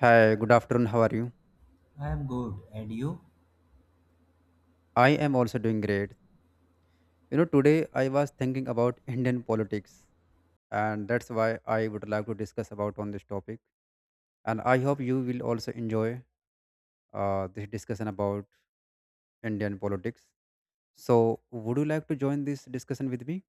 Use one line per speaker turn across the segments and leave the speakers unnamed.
Hi, good afternoon. How are you?
I am good. And you?
I am also doing great. You know, today I was thinking about Indian politics, and that's why I would like to discuss about on this topic. And I hope you will also enjoy this discussion about Indian politics. So, would you like to join this discussion with me?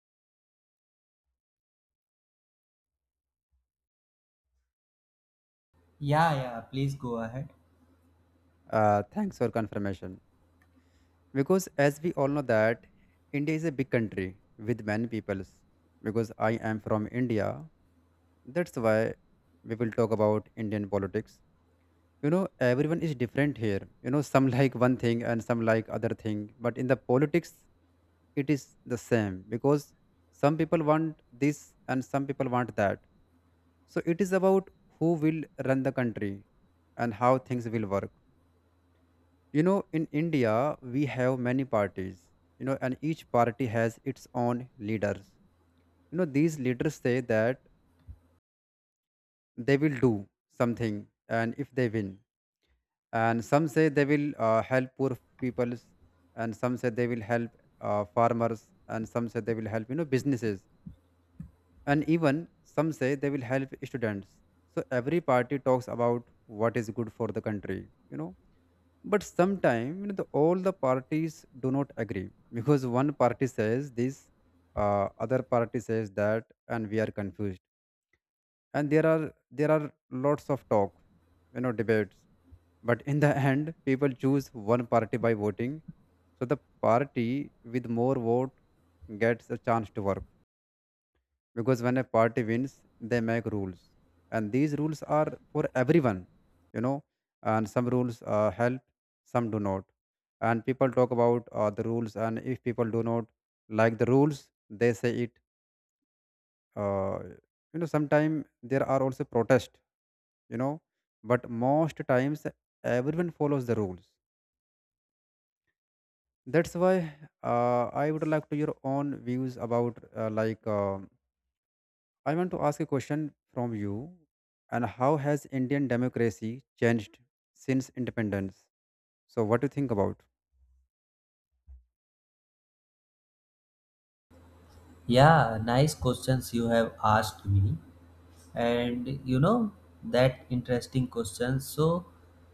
Yeah, yeah, please go ahead.
Thanks for confirmation. Because as we all know that India is a big country with many peoples. Because I am from India, that's why we will talk about Indian politics. Everyone is different here. Some like one thing and some like other thing, but in the politics it is the same because some people want this and some people want that. So it is about who will run the country and how things will work. In India we have many parties, and each party has its own leaders. These leaders say that they will do something, and if they win, and some say they will help poor peoples, and some say they will help farmers, and some say they will help businesses, and even some say they will help students. So every party talks about what is good for the country, but sometimes all the parties do not agree because one party says this, other party says that and we are confused. And there are lots of talk, debates. But in the end, people choose one party by voting. So the party with more vote gets a chance to work because when a party wins, they make rules, and these rules are for everyone, you know. And some rules help, some do not. And people talk about the rules, and if people do not like the rules, they say it. Uh, Sometimes there are also protest, you know, but most times everyone follows the rules. That's why I would like to your own views about like I want to ask a question from you. And how has Indian democracy changed since independence? So what do you think about?
Yeah, nice questions you have asked me. And that interesting question. So,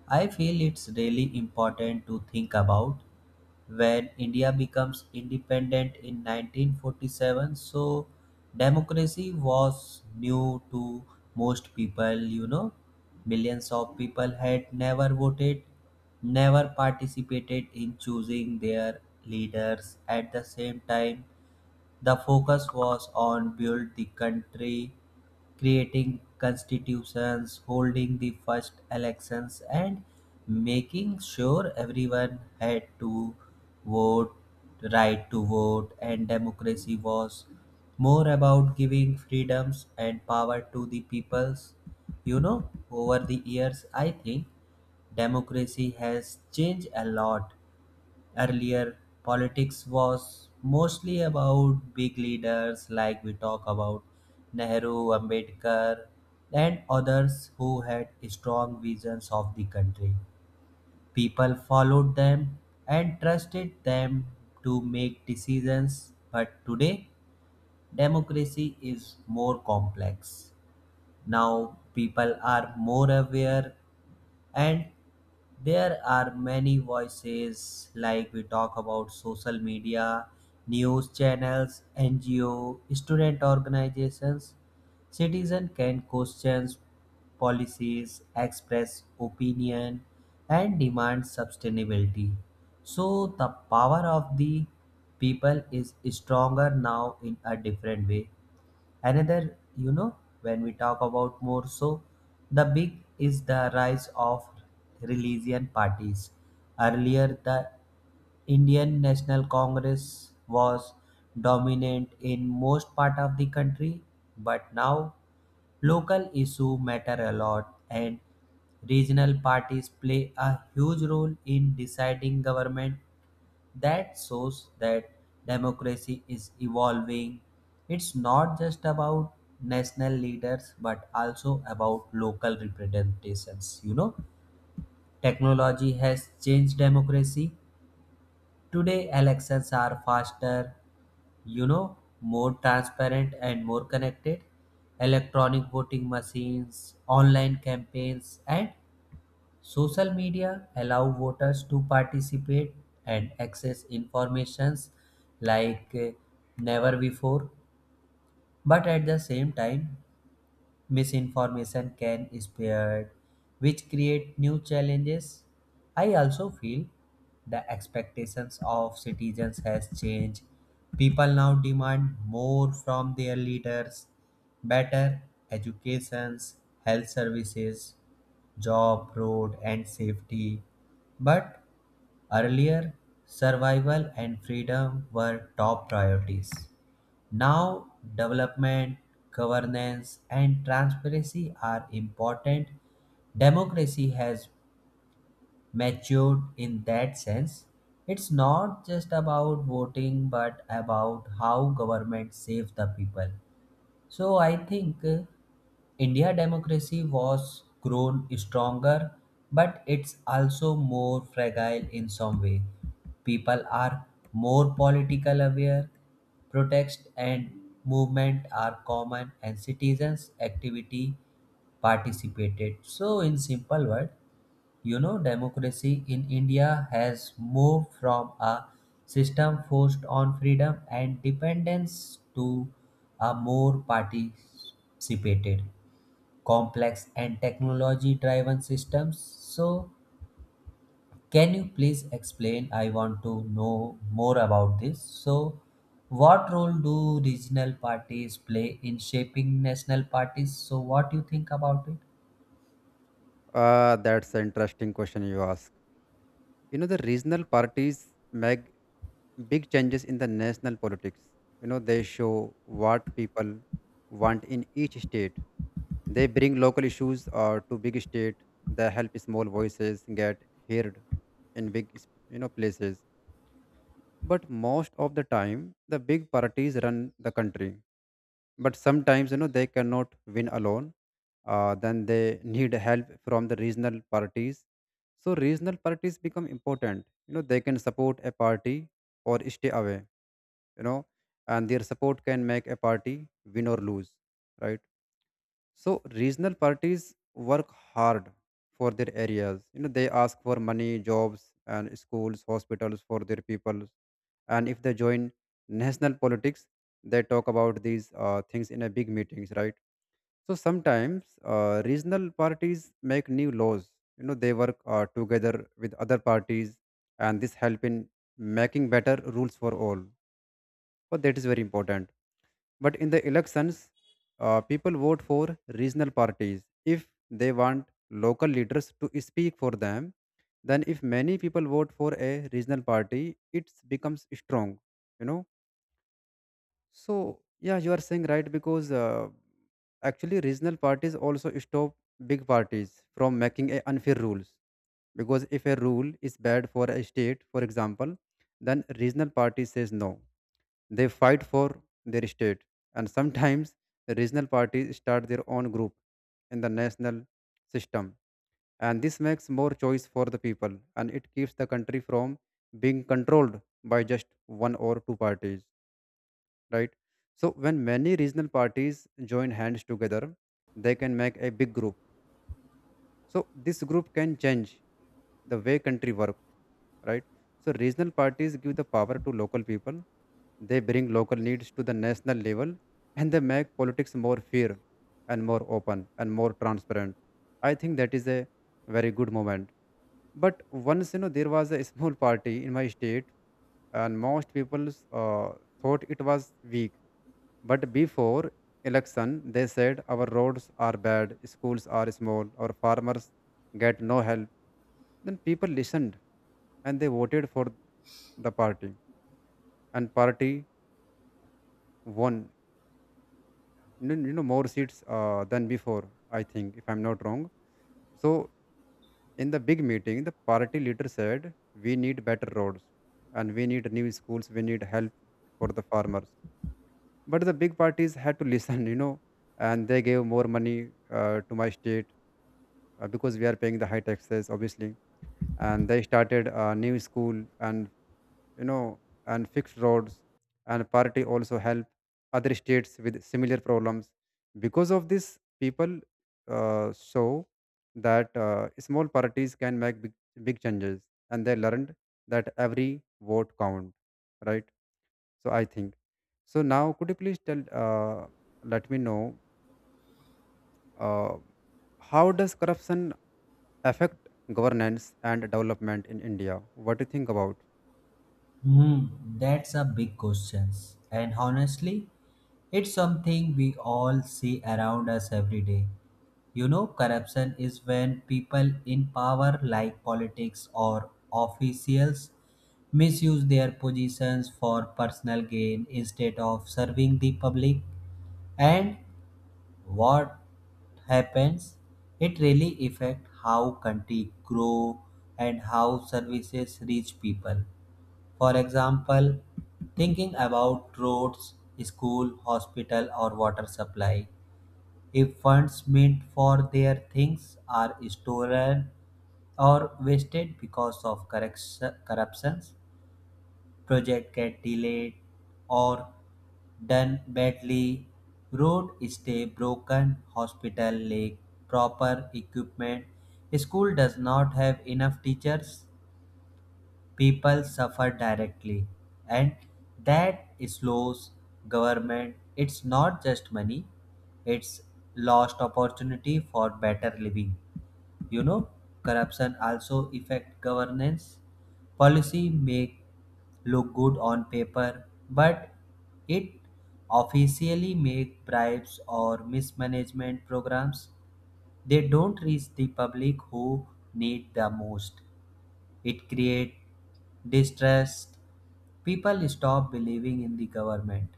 I feel it's really important to think about when India becomes independent in 1947. So, democracy was new to most people. Millions of people had never voted, never participated in choosing their leaders at the same time. The focus was on build the country, creating constitutions, holding the first elections and making sure everyone had to vote, right to vote and democracy was more about giving freedoms and power to the peoples. Over the years I think democracy has changed a lot. Earlier, politics was mostly about big leaders like we talk about Nehru, Ambedkar, and others who had strong visions of the country. People followed them and trusted them to make decisions, but today, democracy is more complex. Now, people are more aware and there are many voices like we talk about social media, news channels, NGO, student organizations. Citizen can question policies, express opinion, and demand sustainability. So the power of the people is stronger now in a different way. Another, when we talk about more, so the big is the rise of religion parties. Earlier, the Indian National Congress was dominant in most part of the country, but now local issue matter a lot and regional parties play a huge role in deciding government. That shows that democracy is evolving. It's not just about national leaders but also about local representations. Technology has changed democracy. Today, elections are faster, more transparent and more connected. Electronic voting machines, online campaigns, and social media allow voters to participate and access informations like never before, but at the same time misinformation can spread, which create new challenges. I also feel the expectations of citizens has changed. People now demand more from their leaders, better educations, health services, job, road, and safety. But earlier, survival and freedom were top priorities. Now, development, governance, and transparency are important. Democracy has matured in that sense. It's not just about voting, but about how government saves the people. So I think India democracy was grown stronger, but it's also more fragile in some way. People are more political aware, protests and movement are common, and citizens' activity participated. So in simple word, democracy in India has moved from a system forced on freedom and dependence to a more participated, complex, and technology driven system. So, can you please explain? I want to know more about this. So, what role do regional parties play in shaping national parties? So, what do you think about it?
That's an interesting question you ask. You know the regional parties make big changes in the national politics. They show what people want in each state. They bring local issues to big state. They help small voices get heard in big places. But most of the time, the big parties run the country. But sometimes they cannot win alone. Then they need help from the regional parties. So regional parties become important. You know they can support a party or stay away. You know, and their support can make a party win or lose. Right. So regional parties work hard for their areas. They ask for money, jobs, and schools, hospitals for their people. And if they join national politics, they talk about these things in a big meetings, right? So sometimes regional parties make new laws. They work together with other parties, and this help in making better rules for all. But that is very important. But in the elections, people vote for regional parties if they want local leaders to speak for them. Then, if many people vote for a regional party, it becomes strong. You know, so yeah, you are saying right because actually regional parties also stop big parties from making a unfair rules. Because if a rule is bad for a state for example, then regional party says no. They fight for their state. And sometimes the regional parties start their own group in the national system. And this makes more choice for the people, and it keeps the country from being controlled by just one or two parties, right? So when many regional parties join hands together, they can make a big group. So this group can change the way country work, right? So regional parties give the power to local people. They bring local needs to the national level, and they make politics more fair and more open and more transparent. I think that is a very good moment. But once, there was a small party in my state, and most people thought it was weak. But before election, they said our roads are bad, schools are small, our farmers get no help. Then people listened and they voted for the party, and party won, more seats than before, I think, if I'm not wrong. So in the big meeting the party leader said we need better roads, and we need new schools, we need help for the farmers. But the big parties had to listen, and they gave more money to my state, because we are paying the high taxes obviously. And they started a new school, and you know and fixed roads. And party also help other states with similar problems. Because of this, people show that small parties can make big, big changes, and they learned that every vote count, right? So I think, so now could you please tell, let me know, uh, how does corruption affect governance and development in India? What do you think about?
Hmm, that's a big question. And honestly, it's something we all see around us every day. Corruption is when people in power, like politics or officials, misuse their positions for personal gain instead of serving the public. And what happens, it really affects how country grow and how services reach people. For example, thinking about roads, school, hospital, or water supply. If funds meant for their things are stolen or wasted because of corruptions, project get delayed or done badly. Road stay broken, hospital lack proper equipment, school does not have enough teachers. People suffer directly and that slows government. It's not just money, it's lost opportunity for better living. you know corruption also affect governance. Policy may look good on paper, but it officially make bribes or mismanagement programs, they don't reach the public who need the most. It creates distrust. People stop believing in the government.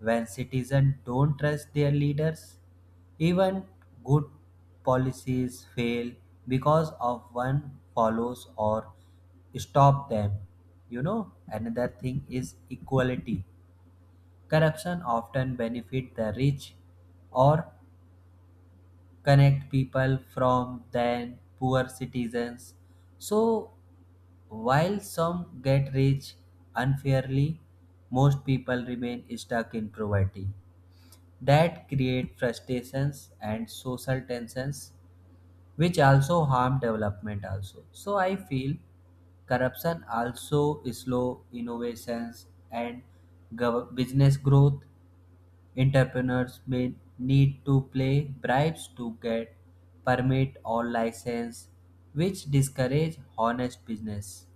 When citizens don't trust their leaders, even good policies fail because of one follows or stop them. Another thing is equality. Corruption often benefit the rich or connect people from then poor citizens. So while some get rich unfairly, most people remain stuck in poverty. That create frustrations and social tensions, which also harm development also. So I feel corruption also slow innovations and business growth. Entrepreneurs may need to play bribes to get permit or license, which discourage honest business.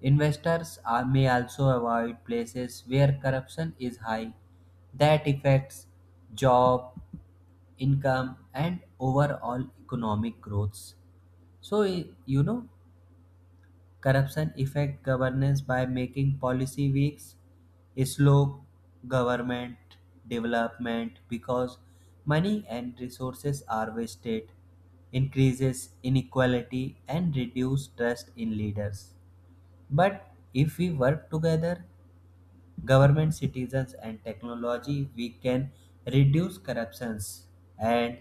Investors may also avoid places where corruption is high. That affects job, income, and overall economic growth. So, corruption affect governance by making policy weak, slow government development because money and resources are wasted, increases inequality, and reduce trust in leaders. But if we work together, government citizens and technology we can reduce corruptions and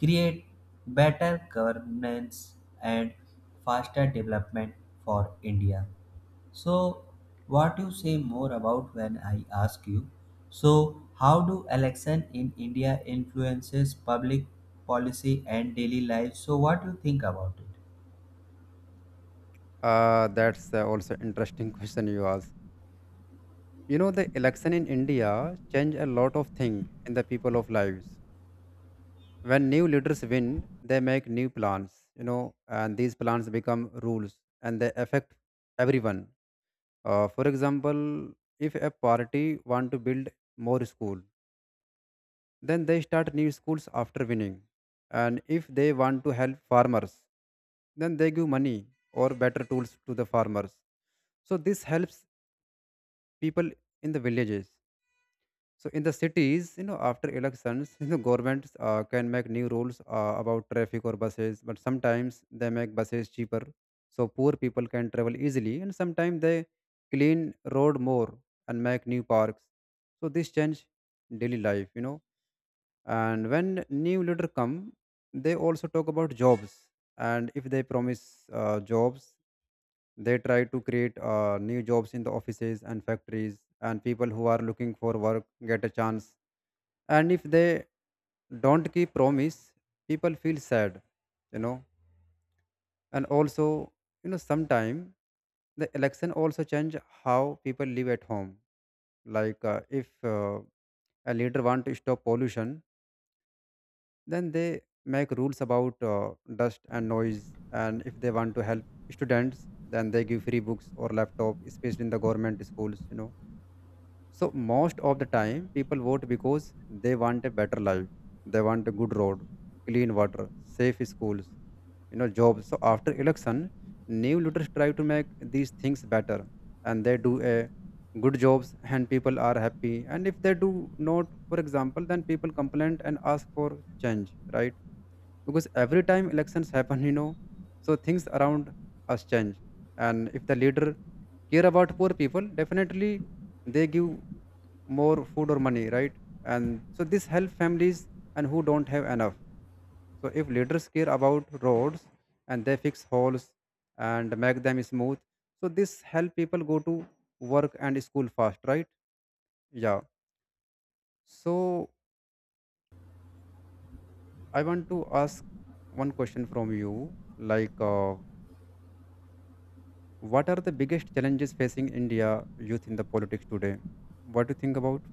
create better governance and faster development for India. So what you say more about when I ask you. So how do election in India influences public policy and daily life? So what do you think about it?
That's also interesting question you asked. The election in India change a lot of things in the people of lives. When new leaders win, they make new plans, and these plans become rules and they affect everyone. For example, if a party want to build more school, then they start new schools after winning. And if they want to help farmers, then they give money or better tools to the farmers. So this helps people in the villages. So in the cities, after elections, governments can make new rules about traffic or buses, but sometimes they make buses cheaper, so poor people can travel easily. And sometimes they clean road more and make new parks. So this change daily life, and when new leader come they also talk about jobs. And if they promise jobs, they try to create new jobs in the offices and factories, and people who are looking for work get a chance. And if they don't keep promise, people feel sad you know and also, sometime the election also change how people live at home, like if a leader want to stop pollution. Then they make rules about dust and noise. And if they want to help students, then they give free books or laptop, especially in the government schools. So most of the time, people vote because they want a better life. They want a good road, clean water, safe schools, jobs. So after election, new leaders try to make these things better, and they do a good jobs, and people are happy. And if they do not, for example, then people complain and ask for change, right? Because every time elections happen so things around us change. And if the leader care about poor people, definitely they give more food or money, right? And so this help families and who don't have enough. So if leaders care about roads, and they fix holes and make them smooth, so this help people go to work and school fast, right? Yeah. So I want to ask one question from you, like what are the biggest challenges facing India youth in the politics today? What do you think about?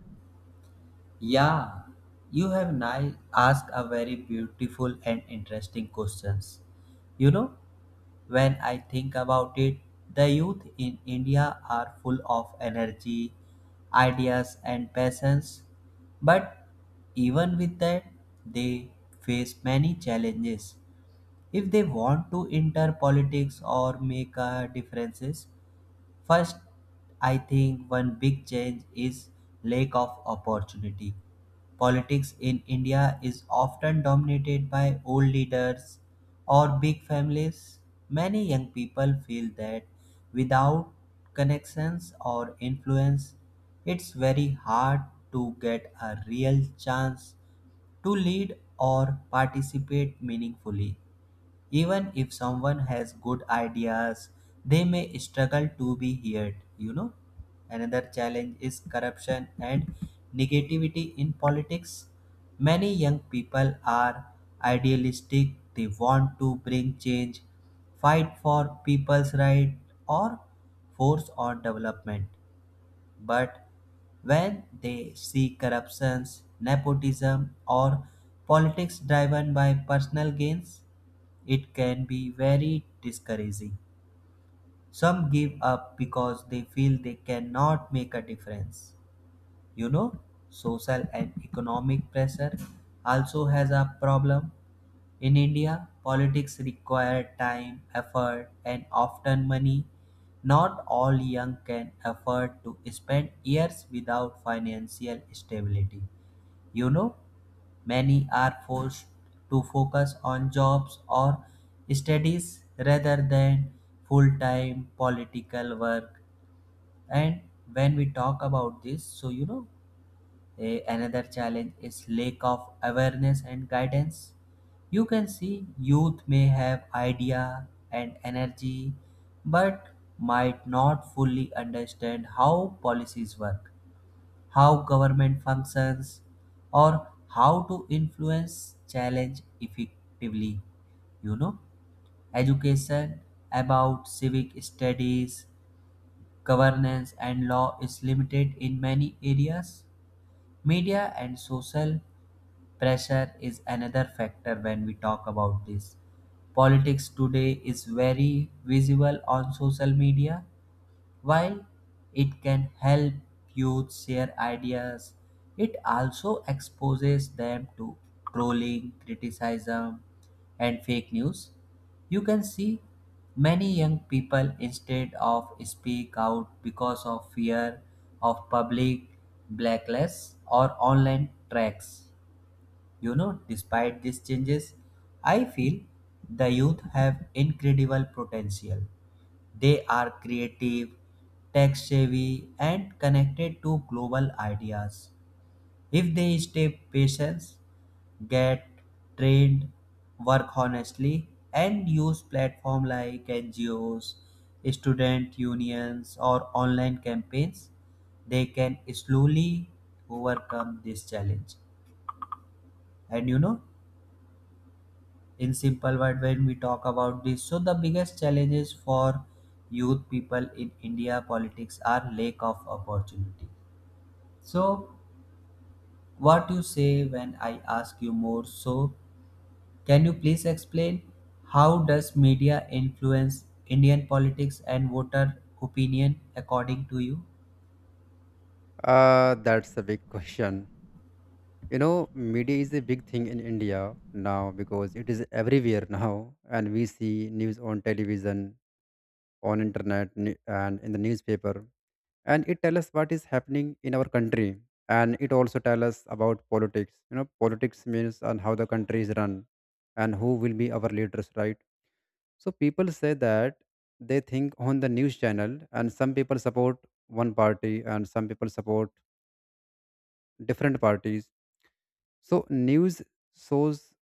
Yeah, you have asked a very beautiful and interesting questions. You know, when I think about it, the youth in India are full of energy, ideas and passions, but even with that, they face many challenges. If they want to enter politics or make a differences. First, I think one big change is lack of opportunity. Politics in India is often dominated by old leaders or big families. Many young people feel that without connections or influence, it's very hard to get a real chance to lead or participate meaningfully even if someone has good ideas, they may struggle to be heard. you know another challenge is corruption and negativity in politics. Many young people are idealistic, they want to bring change, fight for people's right, or force on development. But when they see corruption, nepotism, or politics driven by personal gains, it can be very discouraging. Some give up because they feel they cannot make a difference. You know, social and economic pressure also has a problem. In India, politics require time, effort, and often money. Not all young can afford to spend years without financial stability. You know, many are forced to focus on jobs or studies rather than full time political work. And when we talk about this, so another challenge is lack of awareness and guidance. You can see youth may have idea and energy but might not fully understand how policies work, how government functions, or how to influence challenge effectively. You know education about civic studies, governance, and law is limited in many areas. Media and social pressure is another factor when we talk about this. Politics today is very visible on social media. While it can help youth share ideas, it also exposes them to trolling, criticism, and fake news. You can see many young people instead of speak out because of fear of public blacklist or online tracks. Despite these changes, I feel the youth have incredible potential. They are creative, tech savvy, and connected to global ideas. If they stay patient, get trained, work honestly, and use platforms like NGOs, student unions, or online campaigns, they can slowly overcome this challenge. And in simple word when we talk about this, so the biggest challenges for youth people in India politics are lack of opportunity. So what you say when I ask you more? So can you please explain how does media influence Indian politics and voter opinion according to you?
That's a big question. Media is a big thing in India now because it is everywhere now, and we see news on television, on internet, and in the newspaper, and it tells us what is happening in our country, and it also tells us about politics. Politics means and how the country is run, and who will be our leaders, right? So people say that they think on the news channel, and some people support one party and some people support different parties. So news shows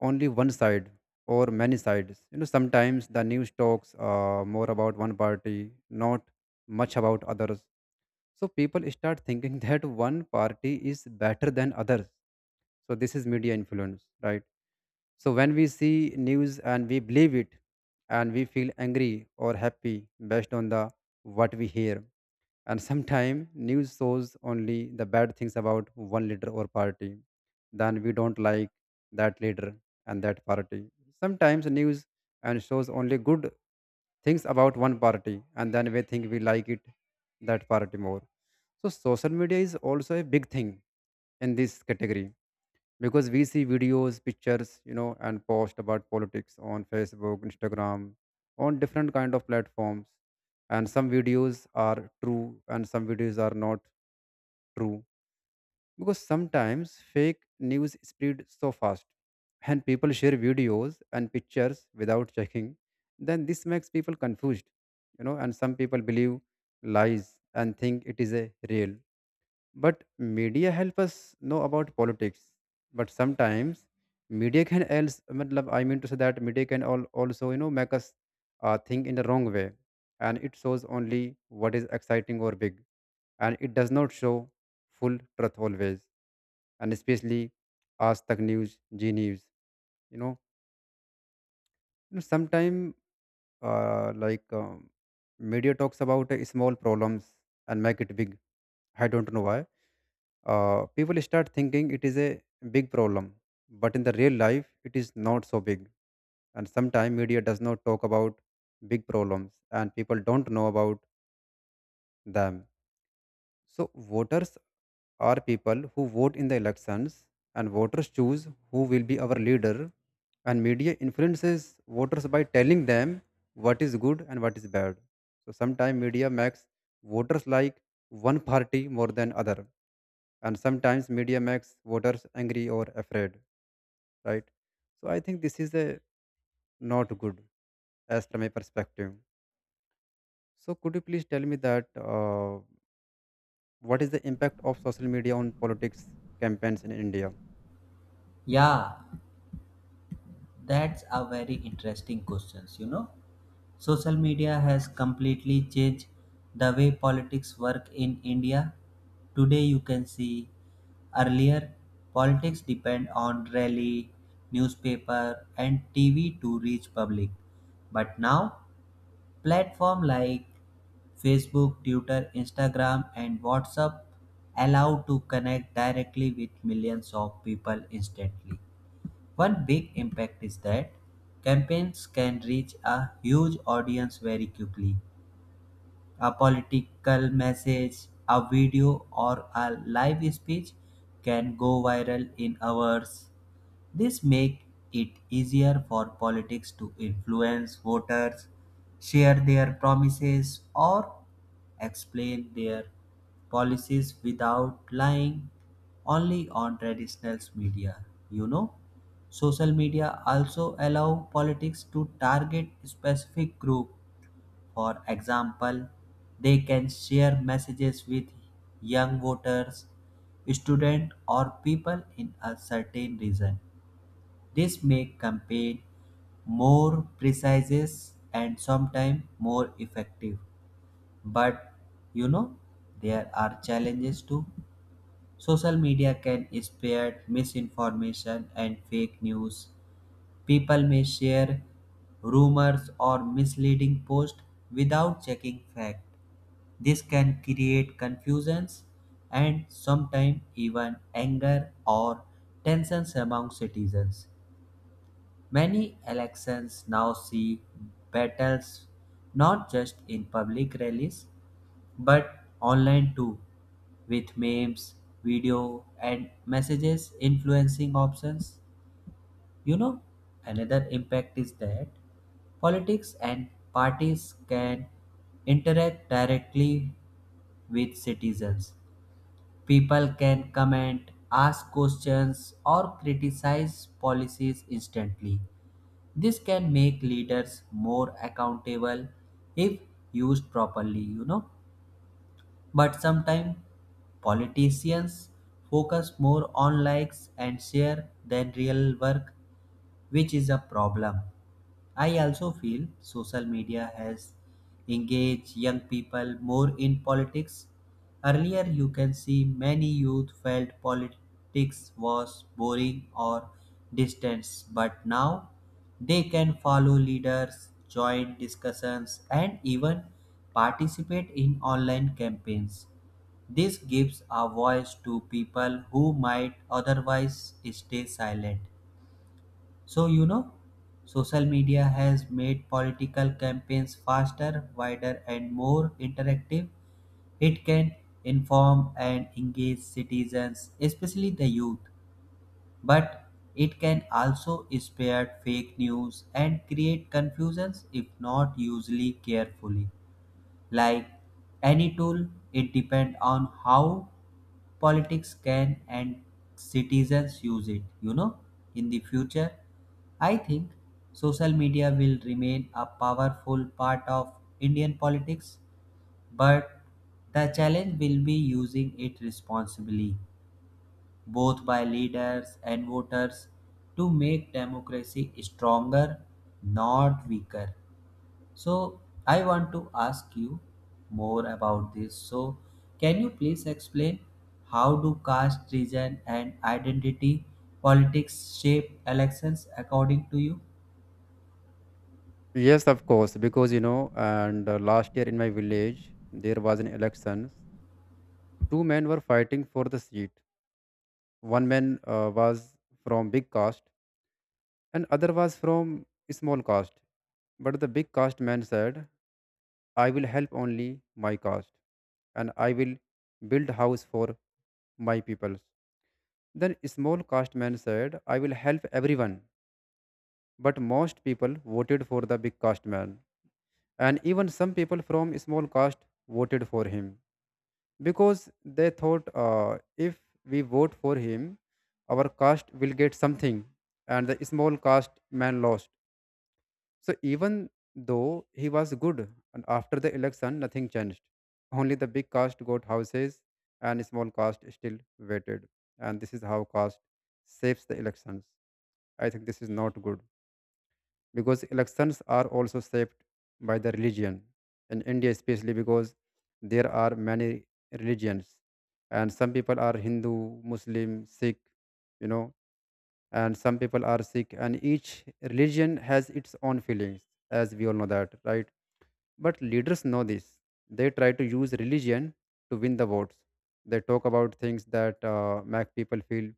only one side or many sides. Sometimes the news talks more about one party, not much about others. So people start thinking that one party is better than others. So this is media influence, right? So when we see news and we believe it, and we feel angry or happy based on the what we hear. And sometimes news shows only the bad things about one leader or party. Then we don't like that leader and that party. Sometimes news and shows only good things about one party, and then we think we like it that party more. So social media is also a big thing in this category because we see videos, pictures, and post about politics on Facebook, Instagram, on different kind of platforms, and some videos are true and some videos are not true because sometimes fake news spread so fast and people share videos and pictures without checking. Then this makes people confused, and some people believe lies and think it is a real. But media help us know about politics. But sometimes media can else matlab, I mean to say that media can all also make us think in the wrong way, and it shows only what is exciting or big, and it does not show full truth always, and especially as Tak News, G News. You know, sometimes uh, like um, media talks about small problems and make it big. I don't know why people start thinking it is a big problem, but in the real life it is not so big. And sometimes media does not talk about big problems and people don't know about them. So voters are people who vote in the elections, and voters choose who will be our leader, and media influences voters by telling them what is good and what is bad. So sometimes media makes voters like one party more than other, and sometimes media makes voters angry or afraid, right? So I think this is a not good as from a perspective. So could you please tell me that uh, what is the impact of social media on politics campaigns in India?
Yeah, that's a very interesting questions. Social media has completely changed the way politics work in India. Today you can see earlier politics depend on rally, newspaper and TV to reach public. But now platform like Facebook, Twitter, Instagram and WhatsApp allow to connect directly with millions of people instantly. One big impact is that campaigns can reach a huge audience very quickly. A political message, a video, or a live speech can go viral in hours. This make it easier for politics to influence voters, share their promises, or explain their policies without lying only on traditional media. Social media also allow politics to target specific group. For example, they can share messages with young voters, students, or people in a certain region. This make campaign more precise and sometimes more effective. But you know, there are challenges too. Social media can spread misinformation and fake news. People may share rumors or misleading posts without checking fact. This can create confusions and sometimes even anger or tensions among citizens. Many elections now see battles not just in public rallies but online too, with memes, video, and messages influencing options. You know, another impact is that politics and parties can interact directly with citizens. People can comment, ask questions, or criticize policies instantly. This can make leaders more accountable if used properly. But sometimes politicians focus more on likes and share than real work, which is a problem. I also feel social media has engaged young people more in politics. Earlier, you can see many youth felt politics was boring or distant, but now they can follow leaders, join discussions, and even participate in online campaigns. This gives a voice to people who might otherwise stay silent. So, social media has made political campaigns faster, wider, and more interactive. It can inform and engage citizens, especially the youth, but it can also spread fake news and create confusions if not usually carefully. Like any tool, it depends on how politics can and citizens use it. In the future, I think social media will remain a powerful part of Indian politics, but the challenge will be using it responsibly, both by leaders and voters, to make democracy stronger, not weaker. So I want to ask you more about this. So can you please explain how do caste, region, and identity politics shape elections according to you?
Yes, of course, because you know and last year in my village there was an election. Two men were fighting for the seat. One man was from big caste and other was from small caste. But the big caste man said, I will help only my caste and I will build house for my peoples. Then small caste man said, I will help everyone. But most people voted for the big caste man. And even some people from small caste voted for him because they thought if we vote for him, our caste will get something. And the small caste man lost. So even though he was good, and after the election, nothing changed. Only the big caste got houses, and small caste still waited. And this is how caste shapes the elections. I think this is not good because elections are also shaped by the religion in India, especially because there are many religions, and some people are Hindu, Muslim, Sikh, you know, and some people are sick and each religion has its own feelings, as we all know that, right? But leaders know this. They try to use religion to win the votes. They talk about things that make people feel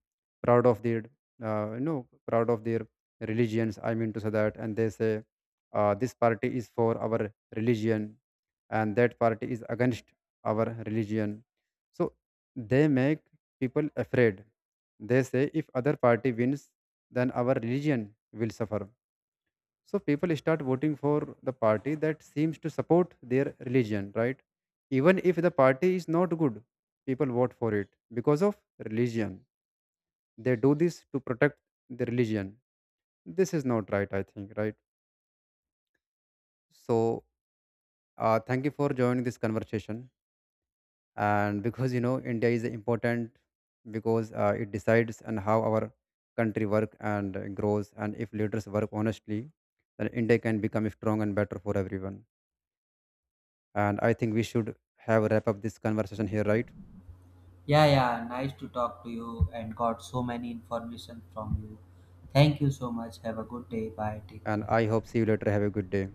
proud of proud of their religions. I mean to say that, and they say this party is for our religion, and that party is against our religion. So they make people afraid. They say if other party wins, then our religion will suffer. So people start voting for the party that seems to support their religion, right? Even if the party is not good, people vote for it because of religion. They do this to protect the religion. This is not right, I think, right? So thank you for joining this conversation. And because you know India is important because it decides on how our country work and grows. And if leaders work honestly, then India can become strong and better for everyone. And I think we should have wrap up this conversation here, right?
Yeah, yeah, nice to talk to you and got so many information from you. Thank you so much. Have a good day. Bye. Take
And
care.
I hope see you later. Have a good day.